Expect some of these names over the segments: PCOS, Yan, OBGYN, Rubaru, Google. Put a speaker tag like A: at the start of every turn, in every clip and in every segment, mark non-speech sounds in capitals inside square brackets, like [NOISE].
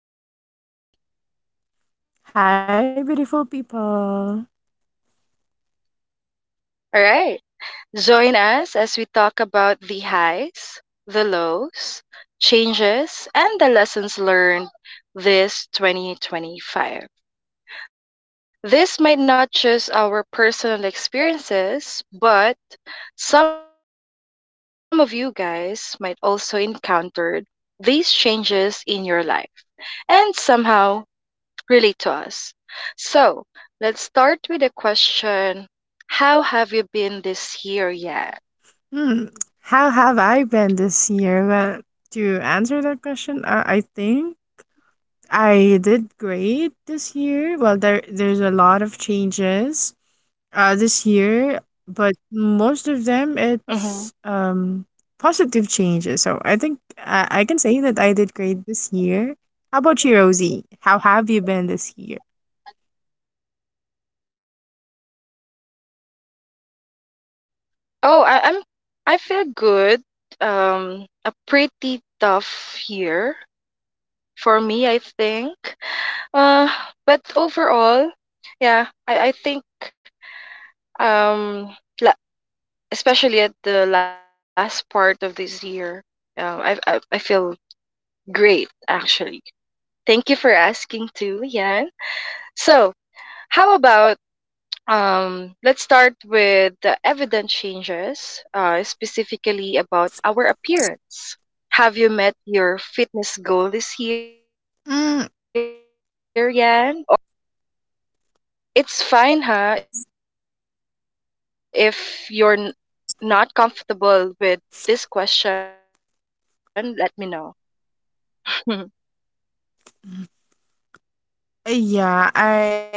A: Yan. Say hi to them, Yan.
B: Hi, beautiful people.
A: All right. Join us as we talk about the highs, the lows, changes, and the lessons learned this 2025. This might not just our personal experiences, but some of you guys might also encountered these changes in your life. And somehow really to us. So let's start with a question. How have you been this year yet?
B: Hmm. How have I been this year? Well, to answer that question, I think I did great this year. Well, there's a lot of changes this year, but most of them
A: Hmm.
B: it's positive changes. So I think I can say that I did great this year. How about you, Rosie? How have you been this year?
A: Oh, I feel good. A pretty tough year for me, I think. Uh, but overall, yeah, I think, um, la- especially at the last part of this year, I feel great actually. Thank you for asking too, Yan. So How about let's start with the evident changes, specifically about our appearance. Have you met your fitness goal this year yet? Or
B: Mm,
A: you've faced struggles this year? It's fine, huh? If you're not comfortable with this question, let me know. [LAUGHS]
B: yeah, I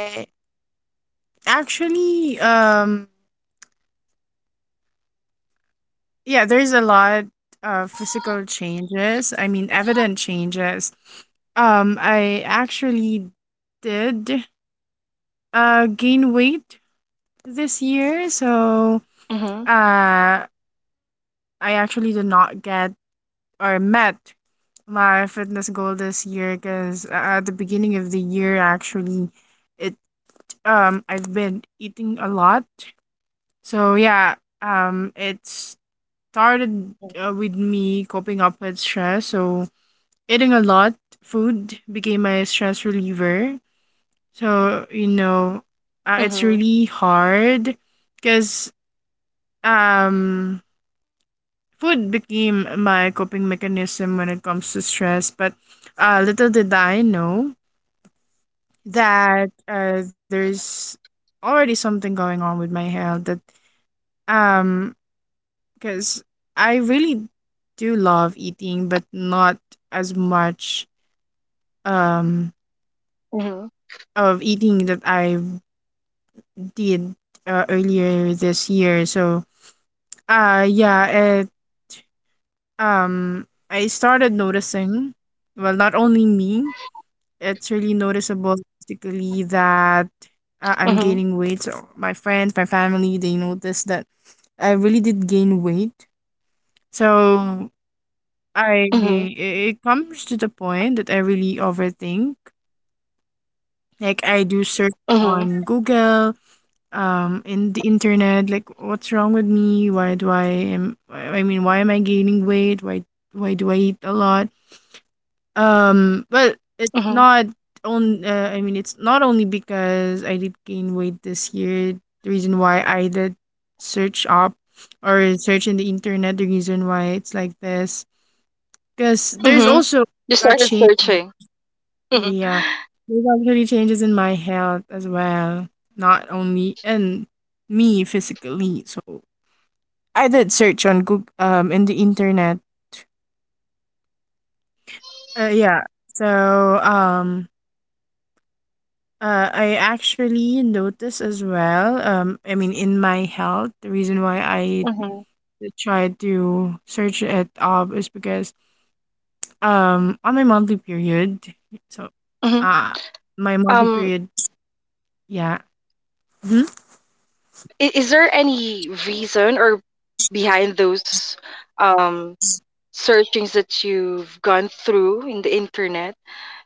B: actually. Yeah, there's a lot of physical changes. I mean, evident changes. I actually did gain weight this year,
A: Mhm.
B: so uh I actually did not get or met my fitness goal this year because at the beginning of the year actually it I've been eating a lot. So yeah, it
A: Mhm.
B: started with me coping up with stress. So eating a lot, food became my stress reliever. So,
A: Mhm.
B: it's really hard because um, food became my coping mechanism when it comes to stress. But little did I know that there's already something going on with my health that um because I really do love eating, but not as much
A: Mhm.
B: um of eating that I did earlier this year. So, yeah, it, I started noticing, well, not only me, it's really
A: Mhm.
B: noticeable, particularly that I'm gaining weight. So, my friends, my family, they noticed that I really did gain weight. So,
A: Mhm.
B: it comes to the point that I really overthink.
A: Mhm.
B: Like, I do search on Google in the internet, like what's wrong with me, why do I am I mean why am I gaining weight, why do I eat a lot? um
A: Mhm.
B: well it's not on I mean it's not only because I did gain weight this year, the reason why I did search up or search in the internet the reason why it's like this, because there's
A: Mhm.
B: also
A: You
B: a
A: started
B: change.
A: searching.
B: Yeah, there's actually changes in my health as well, not only in me physically. So I did search on Google, in the internet. Uh, yeah. So um, I actually noticed as well. I mean, in my health, the reason why I
A: [LAUGHS]
B: tried to search it up is because on my monthly period. So,
A: Mhm.
B: uh, my monthly
A: Um,
B: period. Yeah. Mm-hmm.
A: is there any reason or behind those um searchings that you've gone through in the internet?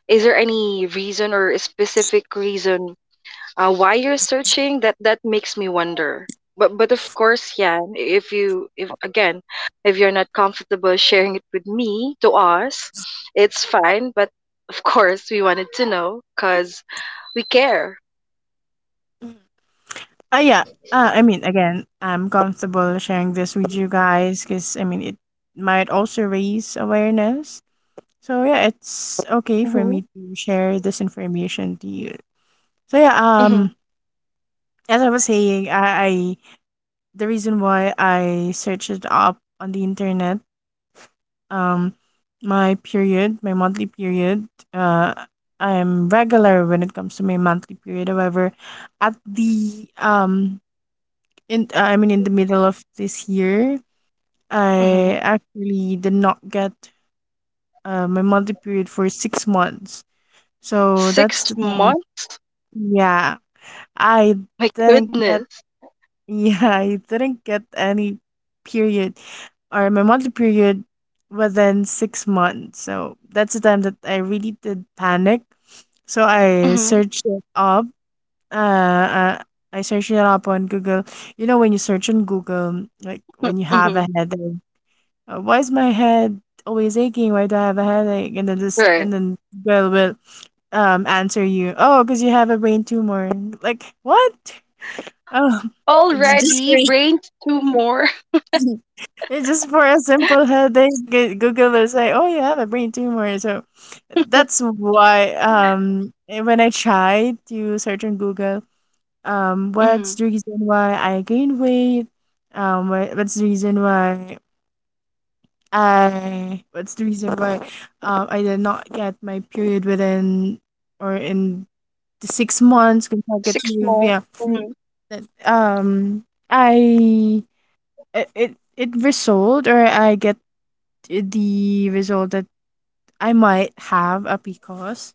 A: Is there any reason or a specific reason why you're searching? That makes me wonder. But of course, yeah. If again, if you're not comfortable sharing it with me to us, it's fine. But of course, we wanted to know because we care.
B: Yeah. I mean, again, I'm comfortable sharing this with you guys because, I mean, it might also raise awareness. So, yeah, it's okay for
A: Hmm.
B: me to share this information to you. So, yeah,
A: Mm-hmm.
B: as I was saying, I the reason why I searched it up on the internet, um, my period, my monthly period, uh, I'm regular when it comes to my monthly period. However, at the in I mean in the middle of this year
A: Mm-hmm.
B: I actually did not get my monthly period for 6 months. So that's
A: Six
B: the time.
A: months?
B: Yeah, I
A: My
B: didn't get.
A: goodness.
B: [LAUGHS] Yeah, I didn't get any period or my monthly period within 6 months. So that's the time that I really did panic. So I
A: Hmm.
B: searched it up. Uh, uh, I searched it up on Google. You know, when you search on Google, like when you have a
A: Hmm.
B: headache. Why is my head always aching? Why do I have a headache? And then this,
A: Right.
B: and then girl will answer you, oh, because you have a brain tumor. Like what? Oh, [LAUGHS] just for
A: Already, brains two more.
B: [LAUGHS] it's just for a simple headache. Google will say, oh, you have a brain tumor. So that's why when I tried to search on Google,
A: [LAUGHS] Hmm.
B: what's the reason why I gain weight? What's the reason why I that's the reason why I did not get my period within or in the 6 months
A: 6 months.
B: consecutive.
A: Mm-hmm.
B: Yeah, that, I it it, it result or I get the result that I might have a PCOS.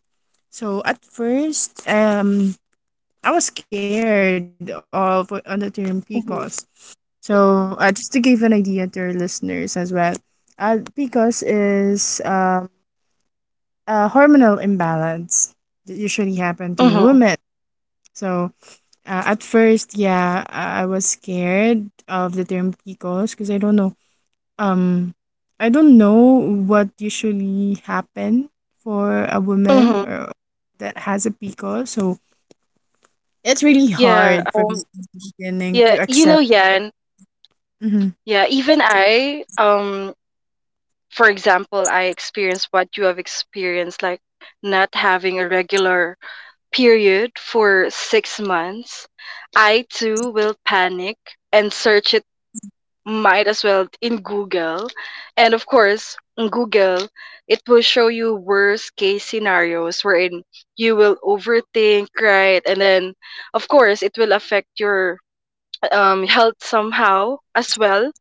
B: So at first, I was scared of on the term PCOS. So just to give an idea to our listeners as well, PCOS is hormonal imbalance that usually happen
A: Mm-hmm.
B: to
A: Hmm.
B: women. So at first, yeah, I was scared of the term PCOS because I don't know. Um, I don't know what usually happen for a woman
A: Hmm.
B: or that has a PCOS. So it's really
A: Yeah.
B: hard for me at the beginning to
A: Yeah. You
B: accept.
A: know, Yan.
B: Mhm.
A: Yeah. Even I. For example, I experienced what you have experienced, like not having a regular period for 6 months. I too will panic and search might as well in Google. And of course, in Google, it will show you worst case scenarios wherein you will overthink, right? And then, of course, it will affect your health somehow as well.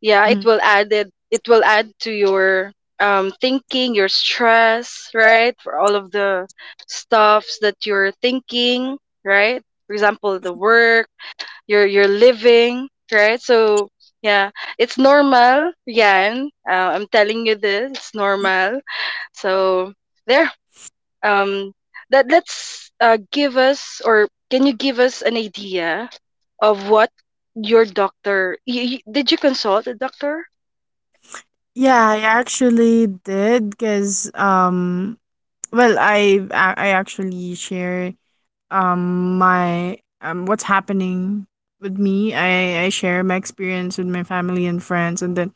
A: Yeah,
B: Mm.
A: it will add to your thinking, your stress, right? For all of the stuffs that you're thinking, right? For example, the work you're living, right? So yeah, it's normal, Yan. I'm telling you this, it's normal. So, there um that let's, give us, or can you give us an idea of what your doctor you, you- did you consult a doctor?
B: Yeah, I actually did because well, I actually share my what's happening with me. I share my experience with my family and friends, and then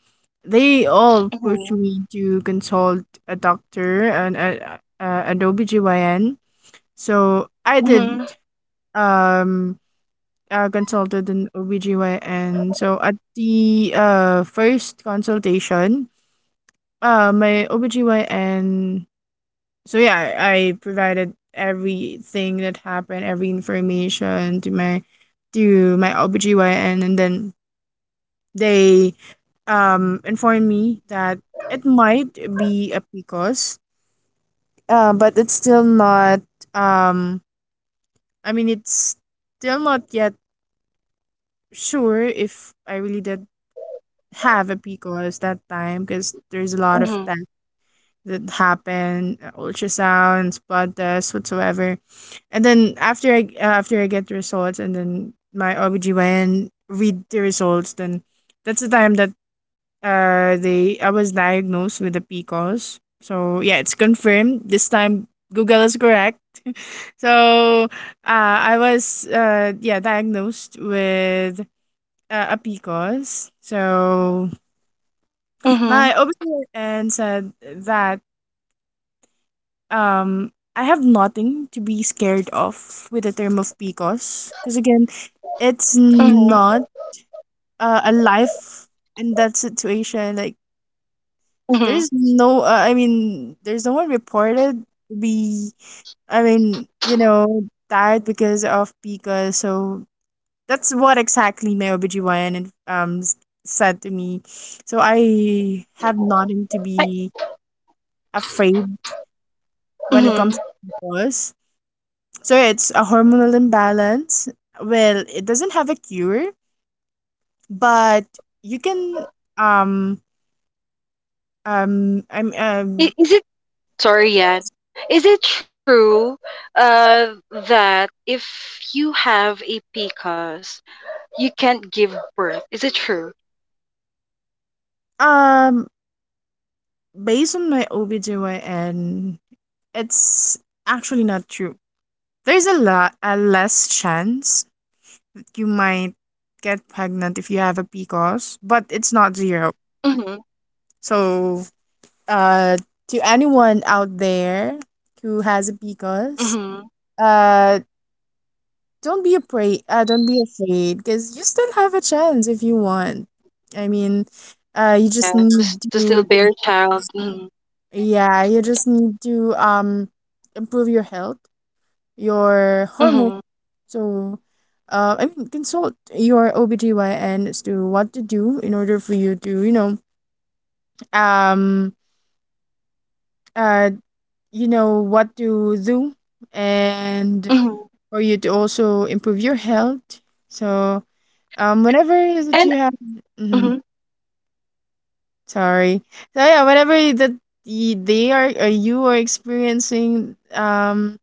B: they all push
A: Mm-hmm.
B: me to consult a doctor, an OBGYN. So I did
A: Mm-hmm.
B: um consulted an OBGYN. So at the first consultation my OBGYN, so yeah, I provided everything that happened, every information to my OBGYN, and then they informed me that it might be a PCOS. But it's still not um I mean it's still not yet sure if I really did have a PCOS that time because there's a lot of tests
A: Mm-hmm.
B: that happen, ultrasounds, blood tests, whatsoever. And then after I get the results and then my OBGYN read the results, then that's the time that they I was diagnosed with the cos. So yeah, it's confirmed. This time Google is correct. [LAUGHS] So I was yeah, diagnosed with a P cos. So my
A: Mm-hmm.
B: OBGYN said that I have nothing to be scared of with the term of P cos. Because again, it's
A: Mm-hmm.
B: not a life in that situation. Like,
A: Mm-hmm.
B: there's no, I mean, there's no one reported to be, I mean, you know, died because of Pika. So that's what exactly my OBGYN said to me. So I have nothing to be
A: I,
B: afraid when it comes to
A: Mm-hmm.
B: PCOS. So it's a hormonal imbalance. Well, it doesn't have a cure, but you can um I'm
A: Is it Sorry, Yan. Is it true that if you have a PCOS, you can't give birth? Is it true?
B: um based on my OBGYN, it's actually not true. There's a lot a less chance that you might get pregnant if you have a PCOS, but it's not zero.
A: Mm-hmm.
B: So uh to anyone out there who has a PCOS,
A: Mm-hmm.
B: uh don't be afraid because you still have a chance if you want. I mean, you
A: Yeah,
B: just need
A: The
B: to.
A: stillbear child. Mm-hmm.
B: Yeah, you just need to improve your health, your hormone.
A: Mm-hmm.
B: So, I mean, consult your OBGYN as to what to do in order for you to, um, uh, you know what to do, and
A: Mm-hmm.
B: for you to also improve your health. So, whenever that you
A: And
B: have, mm,
A: mm-hmm.
B: sorry. So yeah, whenever that they are, or you are experiencing,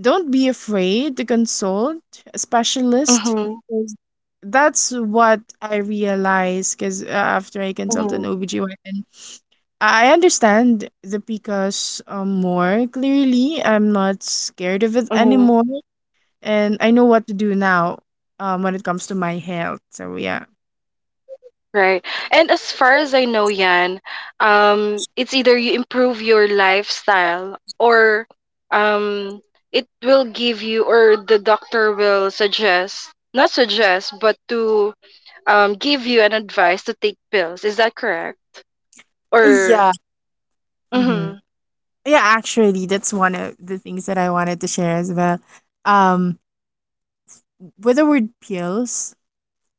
B: don't be afraid to consult a specialist.
A: Mm-hmm.
B: 'Cause that's what I realized because after I consult an OBGYN, I understand the PCOS more clearly. I'm not scared of it
A: Mm-hmm.
B: anymore. And I know what to do now when it comes to my health. So, yeah.
A: Right. And as far as I know, Yan, it's either you improve your lifestyle or, um, it will give you, or the doctor will suggest, not suggest, but to, give you an advice to take pills. Is that correct? Or,
B: Yeah. hmm
A: mm-hmm,
B: Yeah, actually, that's one of the things that I wanted to share as well. Um, with the word pills,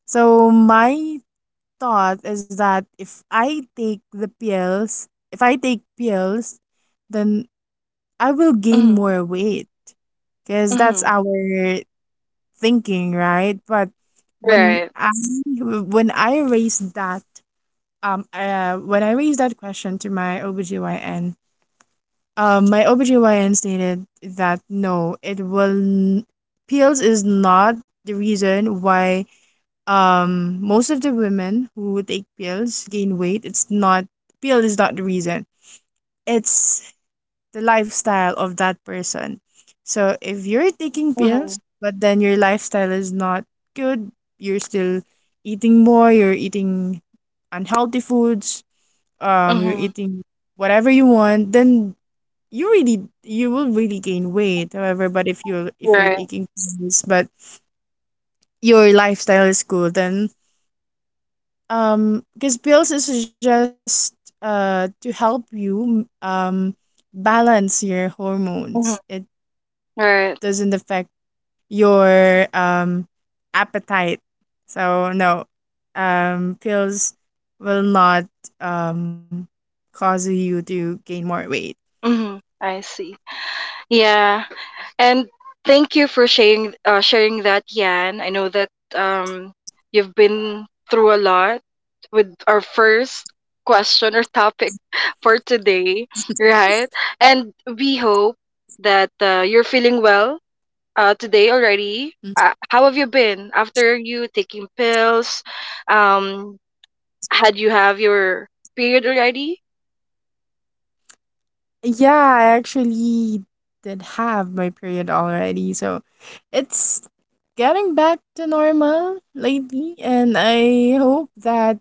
B: so my thought is that if I take the pills, if I take pills, then I will gain
A: mm-hmm,
B: more weight because that's
A: mm-hmm.
B: our thinking, right? But
A: Right.
B: when I when I raised that when I raised that question to my OBGYN, my OBGYN stated that no, it will pills is not the reason why most of the women who take pills gain weight. It's not pill is not the reason. It's the lifestyle of that person. So if you're taking
A: Mm-hmm,
B: pills but then your lifestyle is not good, you're still eating more, you're eating unhealthy foods, you're
A: mm-hmm.
B: eating whatever you want, then you really, you will really gain weight. However, but if you're
A: Right.
B: taking pills but your lifestyle is good, then because bills is just to help you balance your
A: Mm-hmm.
B: hormones. It
A: Right.
B: doesn't affect your appetite. So no, pills will not um cause you to gain more weight.
A: Mm-hmm. I see. Yeah. And thank you for sharing that, Yan. I know that, um, you've been through a lot with our first question or topic [LAUGHS] for today, right? And we hope that you're feeling well today
B: Mm.
A: already. How have you been after you taking pills? Um, had you have your period already?
B: Yeah, I actually did have my period already, so it's getting back to normal lately, and I hope that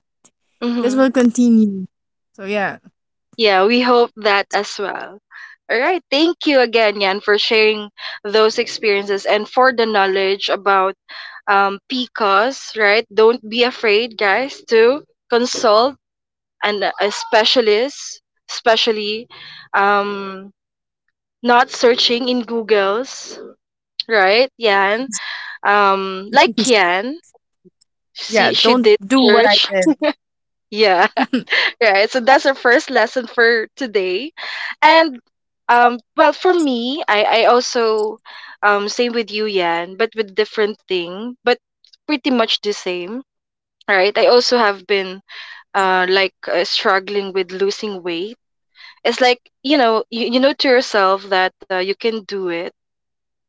B: this
A: Mm-hmm.
B: will continue. So yeah,
A: Yeah, we hope that as well. All right. Thank you again, Yan, for sharing those experiences and for the knowledge about, PCOS, right? Don't be afraid, guys, to consult a specialist, especially, um, not searching in Googles, right, Yan? Like
B: [LAUGHS]
A: Yan,
B: yeah.
A: she
B: Don't
A: did
B: do what
A: search.
B: I
A: Yeah.
B: did.
A: Right. So that's our first lesson for today. And well, for me, I also, same with you, Yan, but with different thing, but pretty much the same. Right? I also have been, like, struggling with losing weight. It's like, you know, you know to yourself that you can do it,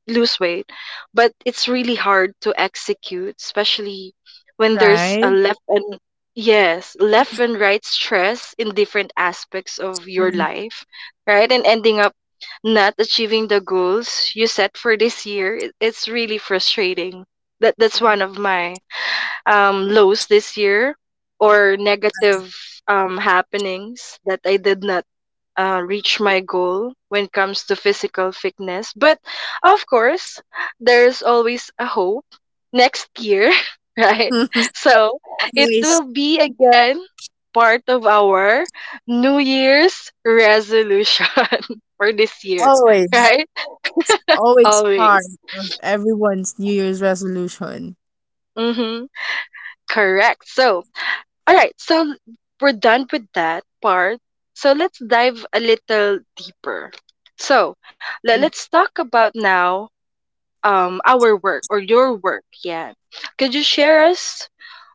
A: lose weight, but it's really hard to execute, especially
B: [LAUGHS]
A: when there's a
B: Right.
A: left and, yes, left and right stress in different aspects of your
B: Mhm.
A: life, right? And ending up not achieving the goals you set for this year, it's really frustrating. That's one of my lows this year, or negative happenings that I did not reach my goal when it comes to physical fitness. But of course, there's always a hope next year, [LAUGHS] right? So
B: [LAUGHS]
A: it
B: Always,
A: will be again part of our New Year's resolution [LAUGHS] for this year,
B: always,
A: right?
B: always part
A: Always.
B: of everyone's New Year's resolution.
A: Mm-hmm. Correct. So, all right. So we're done with that part. So let's dive a little deeper. So, let's talk about now our work, or your work, yeah. Could you share us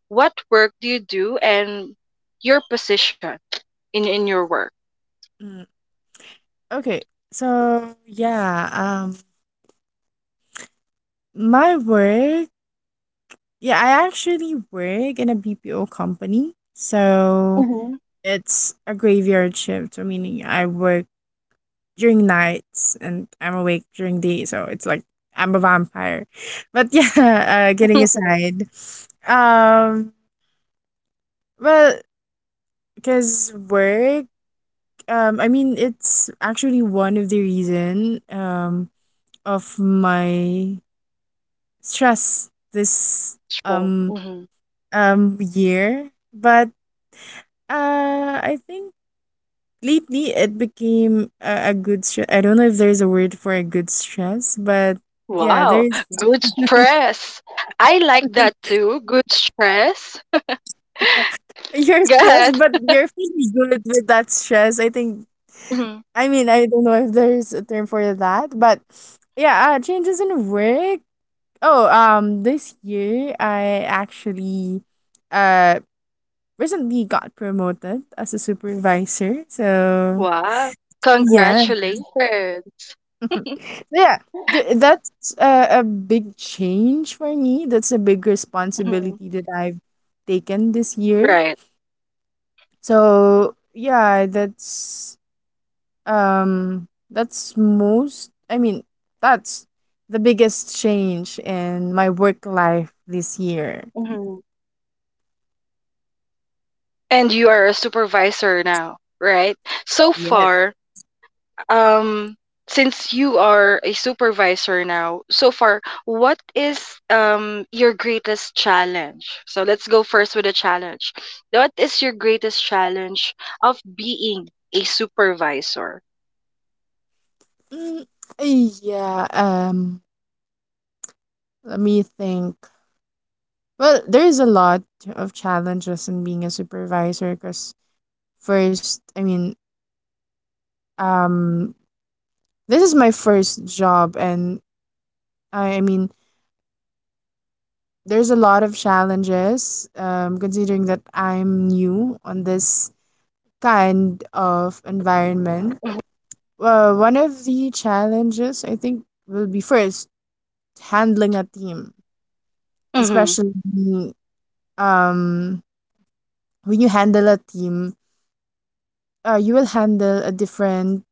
A: what work do you do and your position in your work?
B: Mm-mm. Okay, so yeah, my work, yeah, I actually work in a BPO company, so
A: Mm-hmm.
B: it's a graveyard shift. So meaning I work during nights and I'm awake during day. So it's like I'm a vampire. But yeah, [LAUGHS] getting
A: [LAUGHS]
B: aside. Um, well, because work, I mean, it's actually one of the reason of my stress this
A: Sure.
B: um,
A: Hmm.
B: year. But I think lately it became a good stress. I don't know if there's a word for a good stress, but yeah,
A: Wow,
B: there's
A: good stress. I like that too, good stress.
B: you're
A: Go
B: stressed,
A: ahead.
B: but you're feeling good with that stress. I think.
A: Mhm.
B: I mean, I don't know if there's a term for that, but yeah, changes in work. Oh, this year I actually uh recently got promoted as a supervisor. So
A: Wow,
B: yeah,
A: congratulations.
B: [LAUGHS] yeah, that's a big change for me. That's a big
A: Mhm.
B: responsibility that I've taken this year.
A: Right.
B: So yeah, that's most, I mean, that's the biggest change in my work life this year.
A: Hmm. And you are a supervisor now, right? So
B: Yes.
A: far, um since you are a supervisor now, so far what is your greatest challenge? So let's go first with a challenge. What is your greatest challenge of being a supervisor?
B: Mm, yeah, um, let me think. Well, there is a lot of challenges in being a supervisor because first, I mean, um, this is my first job and I mean, there's a lot of challenges considering that I'm new on this kind of environment.
A: Mm-hmm.
B: Well, one of the challenges I think will be first handling a team, especially um when you handle a team, you will handle a different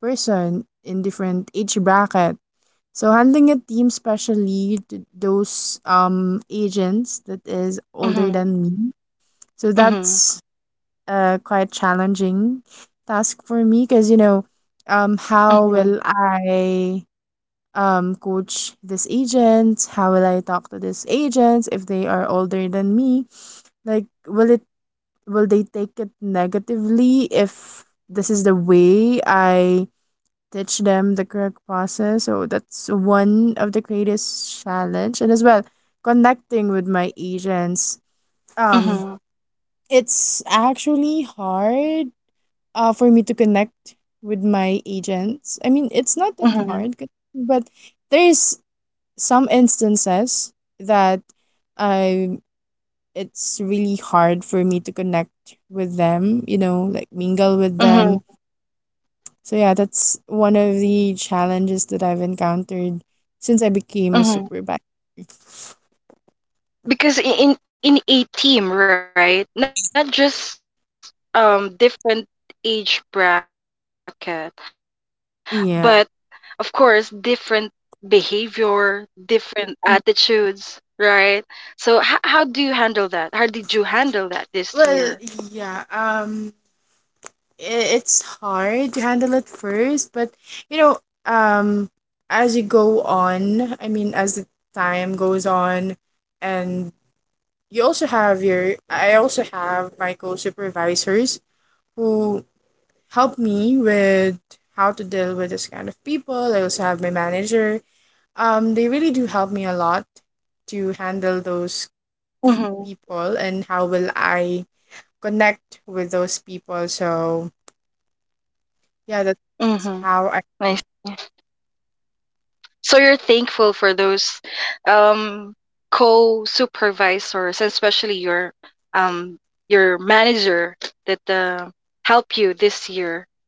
B: person in different age bracket. So handling a team, especially those agents that is older than me, so
A: Mm-hmm.
B: that's
A: Mm-hmm.
B: quite challenging task for me because you know how will I
A: Mm-hmm.
B: coach this agent? How will I talk to these agents if they are older than me? Like, will they take it negatively if this is the way I teach them the correct process? So that's one of the greatest challenge, and as well connecting with my agents. Um, it's actually
A: Mm-hmm.
B: hard for me to connect with my agents. I mean, it's not that hard, but there's
A: Mm-hmm.
B: some instances that I it's really hard for me to connect with them, you know, like mingle with them. So yeah, that's one of the challenges that I've encountered since I became a supervisor.
A: Mm-hmm. Because in a team, right? Not just different age bracket,
B: Yeah.
A: but of course different behavior, different
B: Mm.
A: attitudes, right? So how do you handle that? How did you handle that this
B: Well,
A: year?
B: yeah. I- it's hard to handle at first, but you know, um, as you go on, I mean, as the time goes on, and you also have your I also have my co-supervisors who help me with how to deal with this kind of people. I also have my manager. They really do help me a lot to handle those
A: Mhm.
B: people and how will I connect with those people. So yeah, that's
A: Mhm.
B: how I
A: I see. So you're thankful for those, um co-supervisors, especially um your manager, that help you this year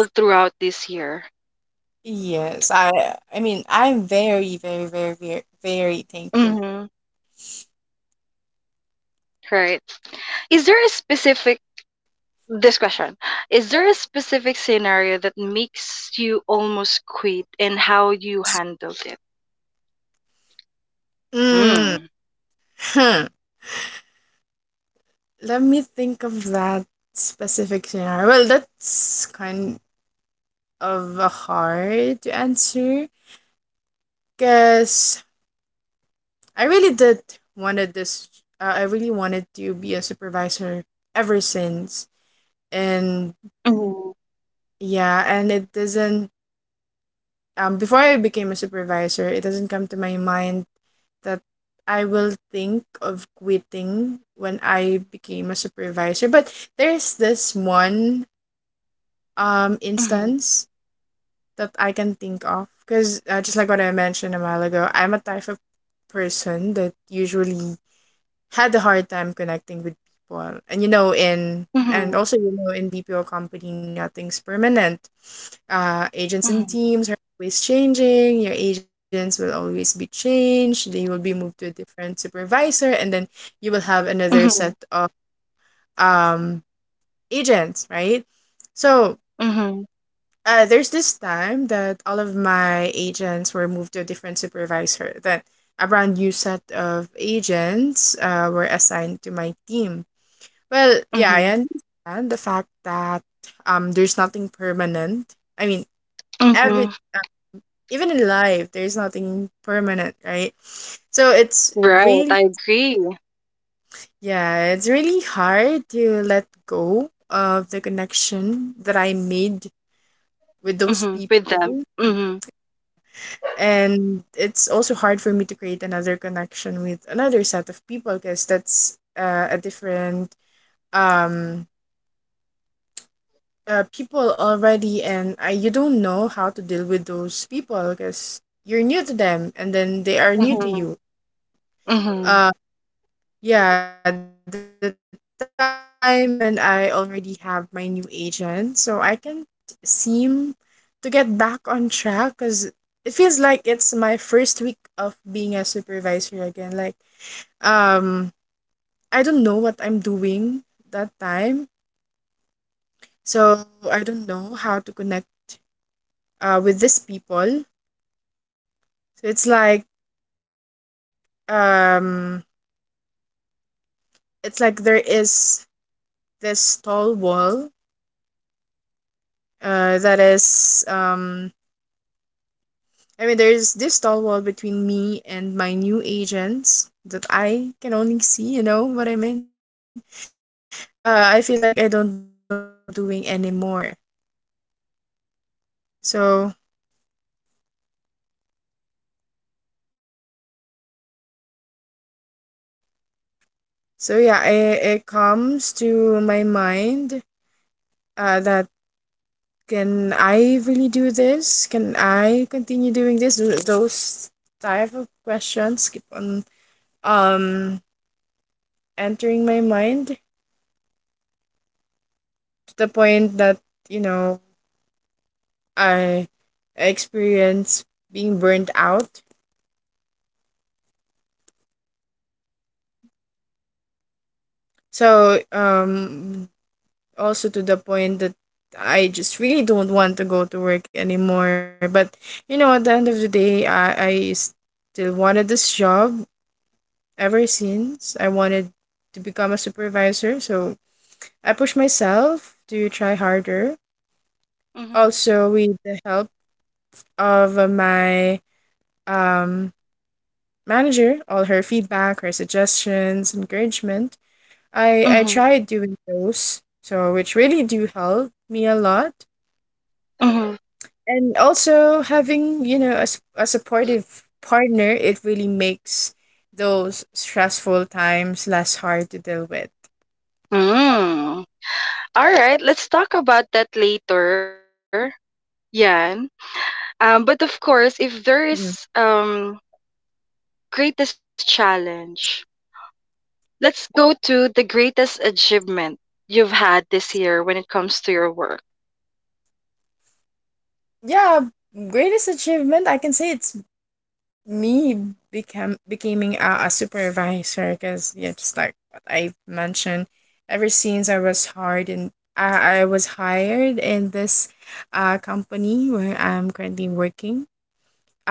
A: all throughout this year,
B: yes, I mean I'm very, very, very, very, very thankful.
A: mm-hmm, right? Is there a specific this question? Is there a specific scenario that makes you almost quit and how you handled it?
B: Mm.
A: Mm.
B: Hmm. Let me think of that specific scenario. Well, that's kind of a hard to answer because I really did wanted this. I really wanted to be a supervisor ever since, and
A: Mm-hmm.
B: yeah, and it doesn't. Before I became a supervisor, it doesn't come to my mind that I will think of quitting when I became a supervisor. But there's this one instance that I can think of. Because just like what I mentioned a while ago, I'm a type of person that usually had a hard time connecting with people. And you know, in and
A: Hmm.
B: also you know in BPO company nothing's permanent. Agents and
A: Hmm.
B: teams are always changing. Your agents will always be changed. They will be moved to a different supervisor and then you will have another set
A: Hmm.
B: of um agents, right? So
A: Hmm.
B: there's this time that all of my agents were moved to a different supervisor. Then a brand new set of agents were assigned to my team. Well, yeah, I
A: Hmm.
B: understand the fact that there's nothing permanent. I mean, every
A: Hmm.
B: even in life, there's nothing permanent, right? So it's
A: Right,
B: really,
A: I agree,
B: yeah, it's really hard to let go of the connection that I made with those
A: with them.
B: people
A: Hmm.
B: and it's also hard for me to create another connection with another set of people because that's a different um people already and you don't know how to deal with those people because you're new to them and then they are new to
A: Hmm.
B: you.
A: Mm-hmm.
B: uh yeah, the time when I already have my new agent so I can seem to get back on track because it feels like it's my first week of being a supervisor again, like um I don't know what I'm doing that time. So I don't know how to connect with these people. So it's like um there is this tall wall that is I mean there's this tall wall between me and my new agents that I can only see, you know what I mean? I feel like I don't know what I'm doing anymore. So so yeah, it comes to my mind that can I really do this? Can I continue doing this? Those type of questions keep on um entering my mind to the point that you know I experience being burnt out. So also to the point that I just really don't want to go to work anymore. But you know at the end of the day I still wanted this job ever since I wanted to become a supervisor. So I push myself to try harder.
C: Mhm,
B: Also, with the help of my um, manager, all her feedback, her suggestions, encouragement, I
C: mhm,
B: tried doing those, so which really do help me a lot.
C: mhm,
B: And also having, you know, a supportive partner, it really makes those stressful times less hard to deal with.
C: hmm. Alright, let's talk about that later. Yan. But of course, if there is
B: Mm.
C: greatest challenge, let's go to the greatest achievement you've had this year when it comes to your work.
B: Yeah, greatest achievement, I can say it's me become becoming a supervisor because yeah just like what I mentioned ever since I was hired, and I was hired in this company where I'm currently working.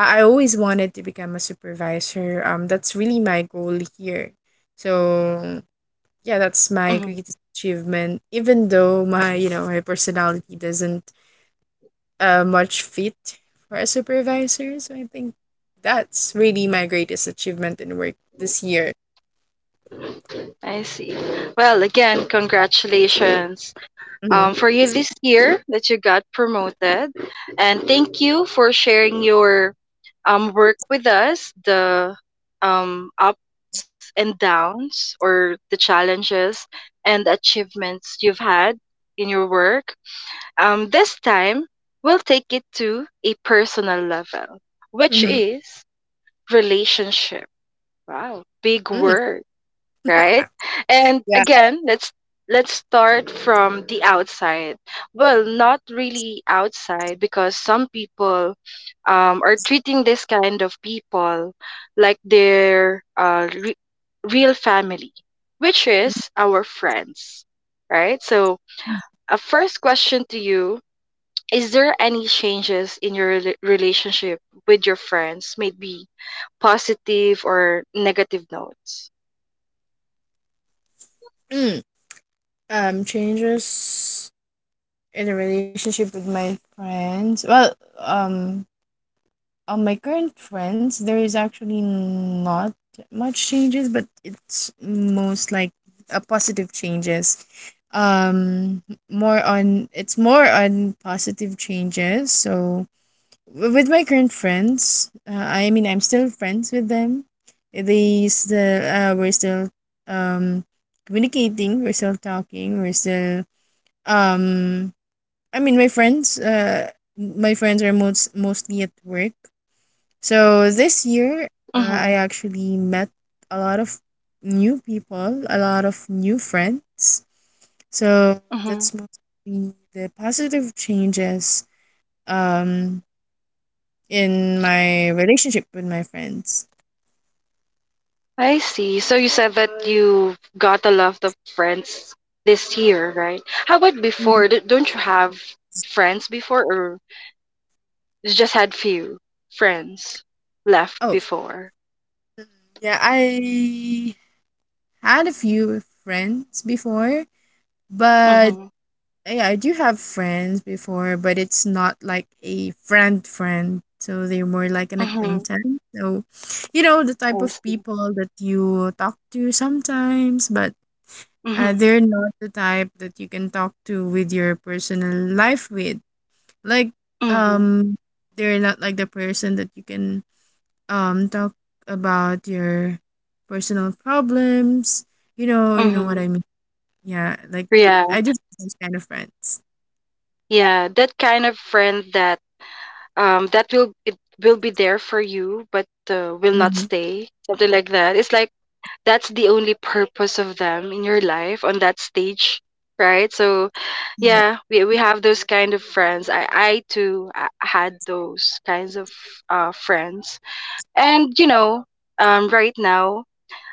B: I always wanted to become a supervisor, that's really my goal here. So yeah, that's
C: Hmm.
B: my greatest achievement even though my, you know, my personality doesn't much fit for a supervisor. So I think that's really my greatest achievement in work this year.
C: I see. Well, again, congratulations,
B: Mm-hmm.
C: for you this year that you got promoted. And thank you for sharing your work with us, the ups and downs, or the challenges and achievements you've had in your work. This time, we'll take it to a personal level, which
B: Mm-hmm.
C: is relationship. Wow, big
B: Mm.
C: word, right?
B: [LAUGHS]
C: And
B: yeah.
C: again, let's start from the outside. Well, not really outside because some people are treating this kind of people like their real family, which is our friends, right? So, a first question to you: is there any changes in your relationship with your friends, maybe positive or negative notes?
B: Mm. Changes in the relationship with my friends. Well, um, on my current friends, there is actually not much changes, but it's most like a positive changes. Um, more on It's more on positive changes. So with my current friends I mean I'm still friends with them, they still we're still um communicating, we're still talking, we're still um my friends my friends are mostly at work, so this
C: Mm-hmm.
B: year I actually met a lot of new people, a lot of new friends. So
C: Mm-hmm.
B: that's mostly the positive changes um in my relationship with my friends.
C: I see. So you said that you got a lot of friends this year, right? How about before?
B: Mhm.
C: Don't you have friends before, or you just had few friends left
B: Oh,
C: before?
B: yeah, I had a few friends before, but
C: Mhm.
B: yeah, I do have friends before, but it's not like a friend friend. So they're more like an
C: Mhm.
B: acquaintance. So, you know, the type
C: I
B: of
C: see.
B: people that you talk to sometimes, but
C: Mhm.
B: they're not the type that you can talk to with your personal life with. Like,
C: Mhm.
B: um, they're not like the person that you can talk about your personal problems. You know
C: Mhm.
B: what I mean. Yeah, like
C: Yeah.
B: I do have those kind of friends.
C: Yeah. That kind of friend that that will it will be there for you, but will
B: Mm-hmm.
C: not stay. Something like that. It's like that's the only purpose of them in your life on that stage, right? So, yeah,
B: Yeah.
C: we have those kind of friends. I too, had those kinds of friends. And right now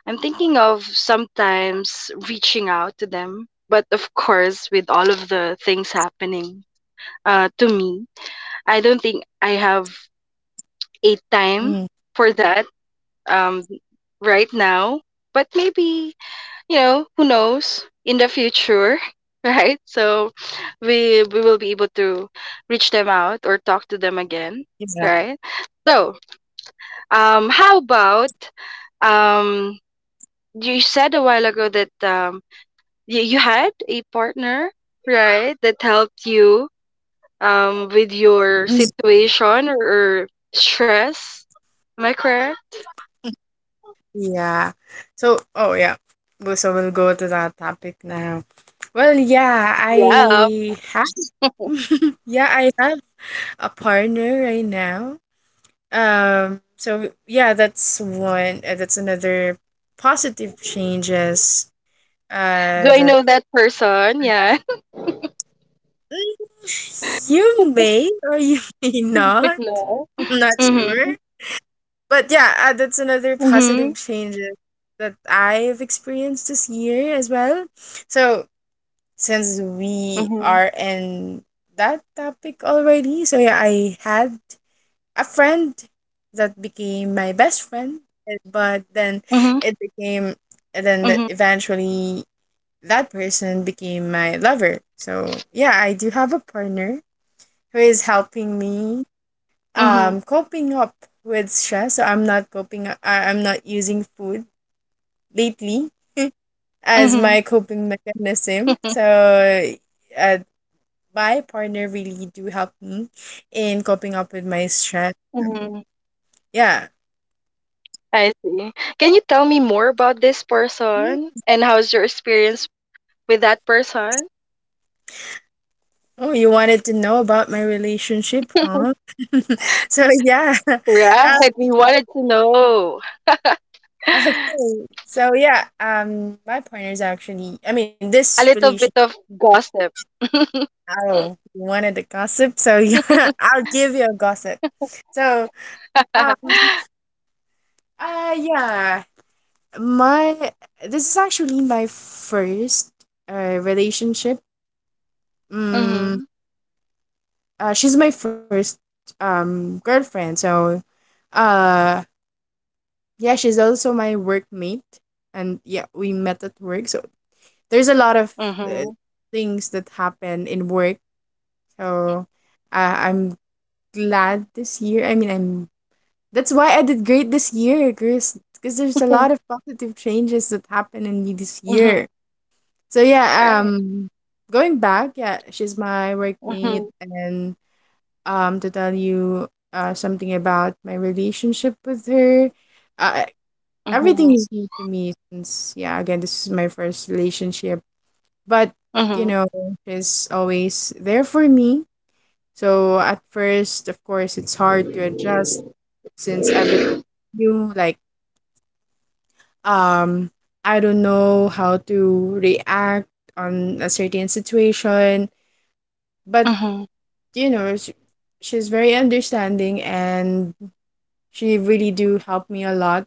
C: I'm thinking of sometimes reaching out to them, but of course with all of the things happening to me, I don't think I have a
B: Mm-hmm.
C: time for that, um, right now. But maybe, who knows in the future, [LAUGHS] right? So we will be able to reach them out or talk to them again,
B: Yeah.
C: right? So, how about, um, you said a while ago that, you had a partner, right, that helped you with your
B: Mhm.
C: situation, or stress. Am I correct?
B: Yeah. So, oh yeah. Well, so we'll go to that topic now. Well, yeah,
C: Yeah. Yeah.
B: I have. [LAUGHS] yeah, I have a partner right now. So yeah, that's one. That's another positive changes.
C: Do I
B: That
C: know that person? Yeah.
B: [LAUGHS] Mm, you may or you [LAUGHS] may
C: [LAUGHS]
B: not.
C: No.
B: I'm not
C: Yeah.
B: sure. But yeah,
C: Mm-hmm.
B: that's another positive change that I've experienced this year as well. So,
C: Mm-hmm.
B: since we are in that topic already, so yeah, I had a friend that became my best
C: Mhm,
B: friend, but then
C: mhm,
B: it became, and then that eventually that person became my lover. So, yeah, I do have a partner who is helping me
C: mhm,
B: coping up with stress. So I'm not coping I'm not using food lately
C: mhm,
B: as my coping
C: mhm,
B: mechanism. So uh, my partner really do help me in coping up with my stress.
C: mhm. [LAUGHS]
B: Yeah.
C: I see. Can you tell me more about this
B: Mhm.
C: person and how's your experience with that person?
B: Oh, you wanted to know about my relationship, huh? [LAUGHS] so yeah. [LAUGHS] Um,
C: Right, [LAUGHS] we wanted to know
B: okay. So yeah, my partner is actually I mean this
C: a
B: relationship.
C: little bit of gossip.
B: Oh, you wanted to gossip? So yeah, [LAUGHS] I'll give you a gossip. So, um,
C: [LAUGHS]
B: yeah, my this is actually my first relationship. Mm,
C: Mhm,
B: she's my first girlfriend. So, uh, yeah, she's also my workmate, and yeah, we met at work. So there's a lot of uh,
C: mhm,
B: things that happen in work. So, uh, I'm I'm that's why I did great this year, Chris, because there's a lot of positive changes that happened in me this
C: mhm.
B: year.
C: [LAUGHS]
B: So yeah,
C: Right.
B: going back, yeah, she's my workmate,
C: Mhm,
B: and to tell you something about my relationship with her, uh, everything
C: mhm,
B: is new to me since yeah, again, this is my first relationship, but you
C: mhm,
B: know, she's always there for me. So at first, of course, it's hard to adjust since everything new, like um I don't know how to react on a certain situation. But
C: mhm,
B: you know sh- she's very understanding and she really do help me a lot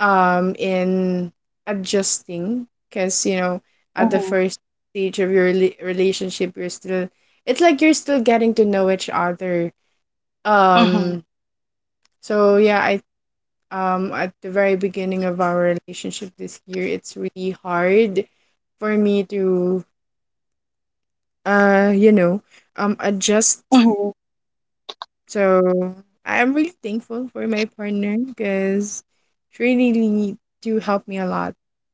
B: in adjusting, because you know, at the
C: mhm,
B: first stage of your relationship you're still, it's like you're still getting to know each other.
C: mhm,
B: Um so yeah i um at the very beginning of our relationship this year, it's really hard for me to uh you know adjust.
C: mhm,
B: So I'm really thankful for my partner, because she really do help me a lot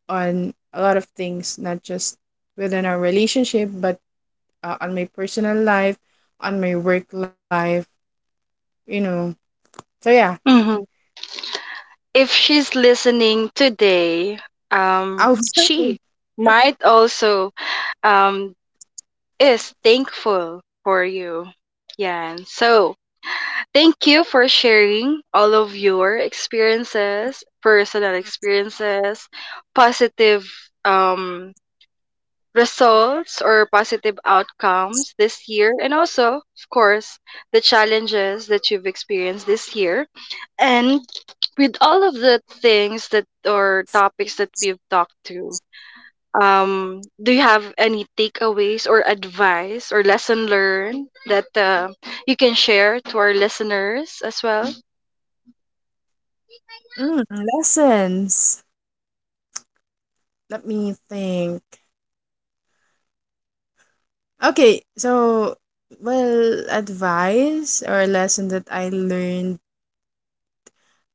B: on a lot of things, not just within our relationship but on my personal life, on my work life, you know. So yeah
C: mhm. If she's listening today,
B: I was [LAUGHS]
C: she might also um is thankful for you. Yeah. So thank you for sharing all of your experiences, personal experiences, positive um results or positive outcomes this year, and also of course the challenges that you've experienced this year, and with all of the things that or topics that we've talked to, do you have any takeaways or advice or lesson learned that you can share to our listeners as well?
B: Mm, lessons, let me think. Okay, so well, advice or lesson that I learned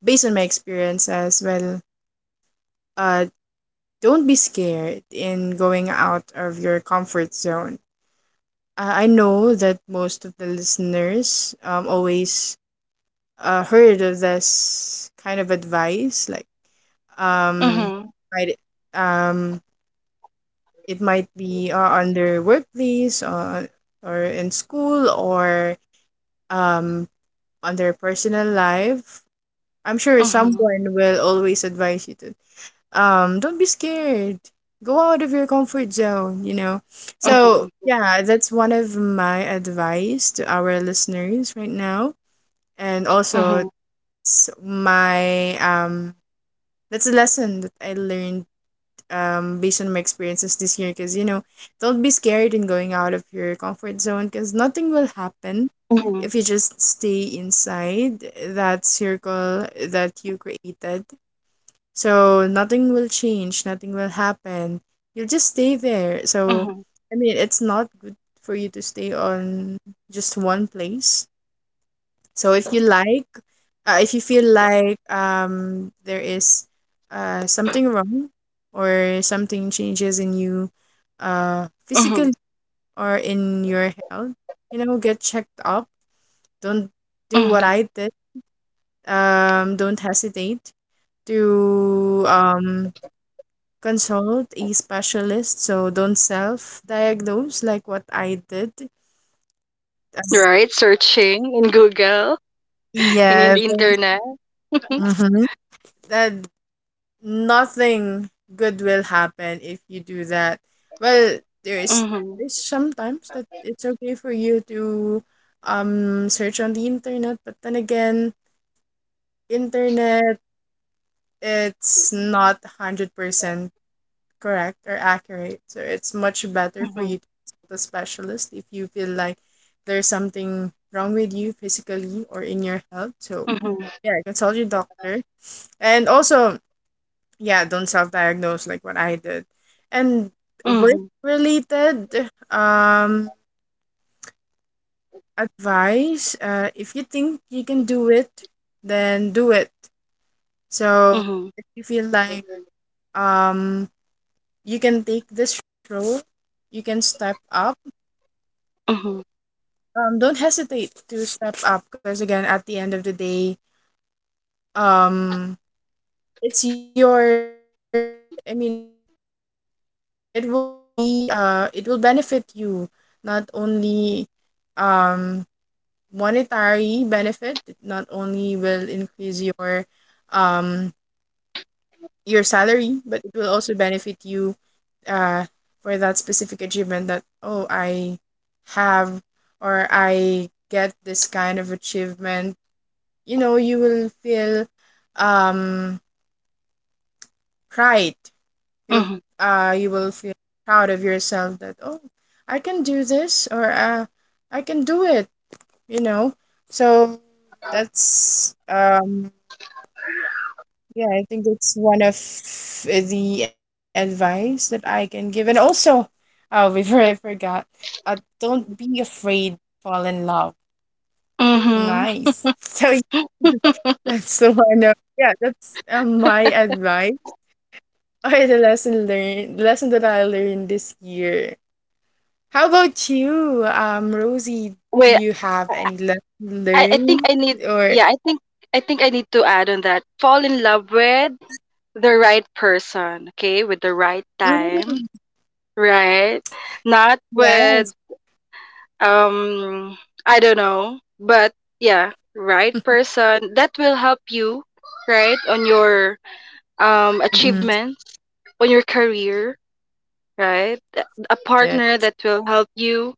B: based on my experience as well. Uh, don't be scared in going out of your comfort zone. I know that most of the listeners always heard of this kind of advice, like um
C: Mhm.
B: might um it might be on their workplace, or in school, or um on their personal life. I'm sure
C: Mhm.
B: someone will always advise you to don't be scared. Go out of your comfort zone, you know. So,
C: Mhm.
B: yeah, that's one of my advice to our listeners right now. And also,
C: Mhm.
B: it's my that's a lesson that I learned based on my experiences this year, because you know, don't be scared in going out of your comfort zone, because nothing will happen
C: Mhm.
B: if you just stay inside that circle that you created. So nothing will change, nothing will happen, you'll just stay there.
C: Mhm.
B: So I mean, it's not good for you to stay on just one place. So if you like, if you feel like there is something wrong or something changes in you, physically
C: Mhm.
B: or in your health, you know, get checked up. Don't do what
C: Mhm.
B: I did. Don't hesitate to consult a specialist. So don't self-diagnose like what I did. Uh,
C: Right, searching in Google, in
B: Yes.
C: the internet. [LAUGHS]
B: Mm-hmm. That nothing good will happen if you do that. Well, there is
C: Mhm.
B: there's sometimes that it's okay for you to search on the internet, but then again, internet, it's not 100% correct or accurate. So it's much better for you to
C: Mhm.
B: consult a specialist if you feel like there's something wrong with you physically or in your health. So
C: Mhm.
B: yeah, consult your doctor. And also, yeah, don't self-diagnose like what I did. And work
C: Mhm.
B: related advice, if you think you can do it, then do it. So if
C: Mhm.
B: you feel like um you can take this role, you can step up,
C: Mhm.
B: don't hesitate to step up, because again, at the end of the day, um it's your I mean, it will be it will benefit you, not only um monetary benefit. It not only will increase um your salary, but it will also benefit you uh for that specific achievement that oh, I have or I get this kind of achievement. You know, you will feel um pride. You'll
C: Mhm.
B: you will feel proud of yourself that oh, I can do this, or I can do it, you know. So that's yeah, I think it's one of the advice that I can give. And also, oh [LAUGHS] before I forgot, uh don't be afraid, fall in love.
C: Mhm.
B: Nice. [LAUGHS] So yeah, that's the one of, yeah, that's my advice, [LAUGHS] or the lesson learned, lesson that I learned this year. How about you, Rosie, do
C: Wait,
B: you have any lesson
C: I think
B: learned
C: I need...
B: or,
C: yeah, I think I need to add on that: fall in love with the right person, okay, with the right time,
B: mm,
C: right? Not
B: yeah,
C: with, um I don't know, but yeah, right person that will help you, right, on your
B: mm,
C: achievements, on your career, right? A partner
B: yeah.
C: that will help you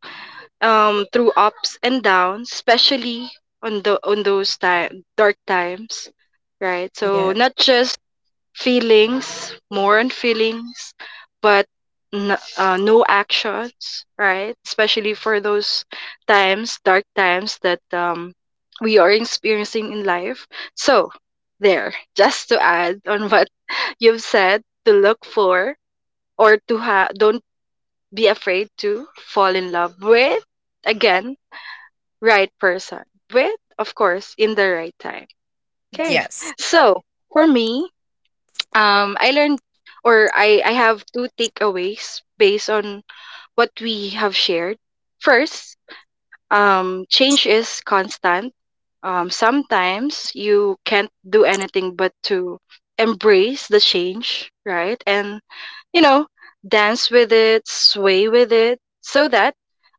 C: through ups and downs, especially on the on those time dark times, right? So not
B: Yeah.
C: just feelings, more on feelings, but no actions, right? Especially for those times, dark times that, we are experiencing in life. So, there, just to add on what [LAUGHS] you've said, to look for or to have, don't be afraid to fall in love with, again, right person, with, of course, in the right time. Okay,
B: Yes.
C: so for me, I learned, or I have two takeaways based on what we have shared. First, change is constant. Sometimes you can't do anything but to embrace the change, right? And, you know, dance with it, sway with it so that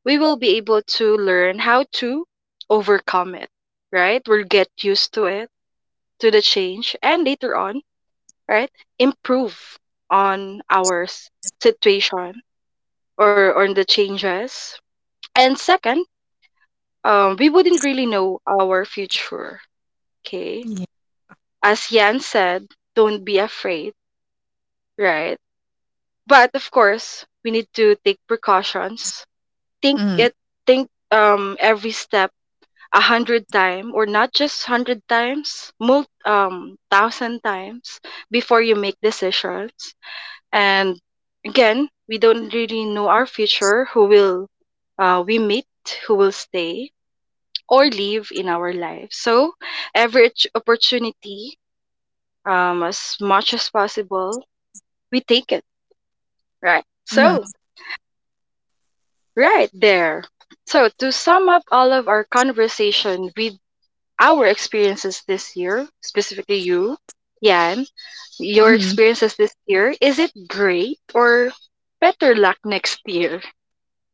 C: we will be able to learn how to overcome it, right? We'll get used to it,
B: Mm,
C: to the change, and later on, right, improve on our situation or on the changes. And second, we wouldn't really know our future, okay,
B: yeah.
C: as Yan said, don't be afraid, right, but of course we need to take precautions. think it
B: Mm,
C: think every step a hundred times, or not just hundred times, mult thousand times, before you make decisions. And again, we don't really know our future, who will we meet, who will stay or leave in our life. So every opportunity, as much as possible, we take it, right?
B: mm,
C: So, right there. So, to sum up all of our conversation with our experiences this year, specifically you, Yan, your
B: mm.
C: experiences this year: is it great or better luck next year?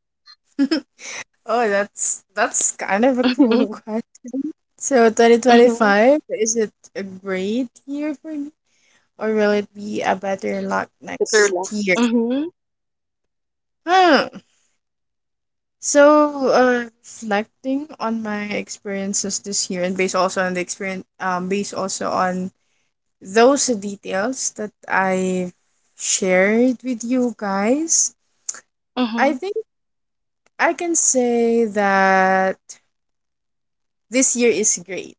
B: [LAUGHS] Oh, that's kind of a cool question. So
C: [LAUGHS]
B: 2025, is it a great year for me, or will it be a better luck
C: Sa
B: next
C: turla.
B: year?
C: Mhm,
B: Hmm. So, reflecting on my experiences this year, and based also on the experience, based also on those details that I shared with you guys, I
C: mhm,
B: think I can say that this year is great.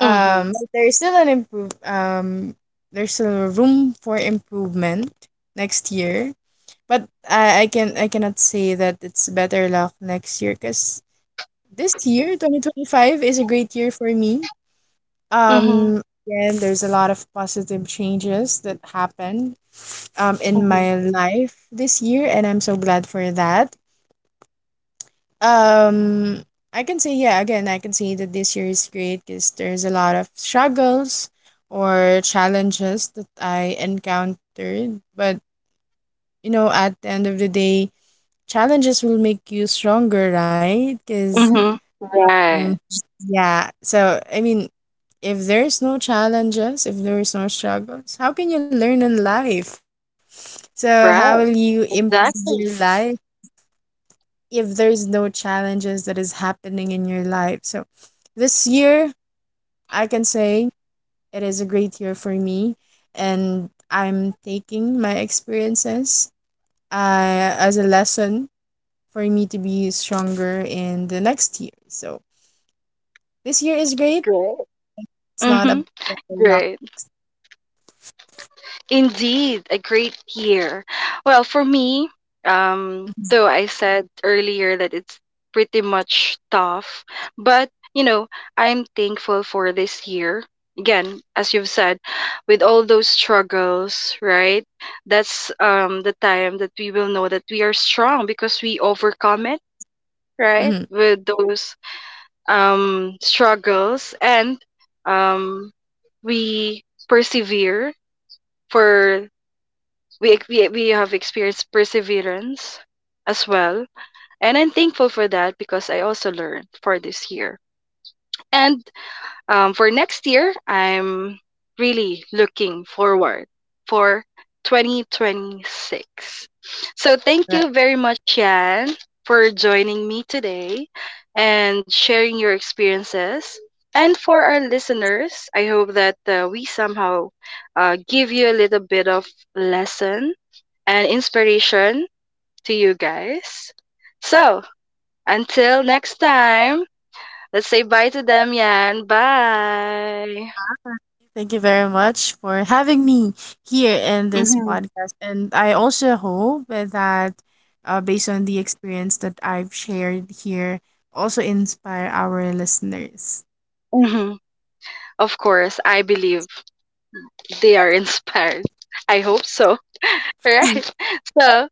C: mhm,
B: But there's still an improve. There's still room for improvement next year. But I cannot say that it's better luck next year, because this year 2025 is a great year for me.
C: mhm,
B: Um, again, there's a lot of positive changes that happened in
C: mhm,
B: my life this year, and I'm so glad for that. Um, I can say, yeah. Again, I can say that this year is great because there's a lot of struggles or challenges that I encountered. But you know, at the end of the day, challenges will make you stronger, right? Because
C: mhm. Right,
B: yeah. So I mean, if there's no challenges, if there's no struggles, how can you learn in life? So how
C: right,
B: will you improve
C: exactly.
B: your life if there's no challenges that is happening in your life? So this year, I can say it is a great year for me, and I'm taking my experiences as a lesson for me to be stronger in the next year. So this year is
C: Great.
B: great. It's
C: Mhm,
B: not a better
C: great.
B: luck.
C: Indeed, a great year. Well, for me, though I
B: Mhm.
C: said earlier that it's pretty much tough, but, you know, I'm thankful for this year. Again, as you've said, with all those struggles, right? That's the time that we will know that we are strong because we overcome it, right? With
B: [LAUGHS]
C: those struggles, and um we persevere, for we ex- we have experienced perseverance as well. And I'm thankful for that because I also learned for this year. And, for next year, I'm really looking forward for 2026. So thank you
B: Right.
C: very much, Jan, for joining me today and sharing your experiences. And for our listeners, I hope that we somehow give you a little bit of lesson and inspiration to you guys. So, until next time, let's say bye to them, Yan. Bye.
B: Thank you very much for having me here in this
C: Mm-hmm.
B: podcast. And I also hope that, based on the experience that I've shared here, also inspire our listeners.
C: Hmm. Of course, I believe they are [LAUGHS] inspired. I hope so. [LAUGHS]
B: Mm,
C: Right. So,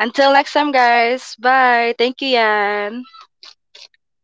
C: until next time, guys. Bye. Thank you, Yan.
B: thank you.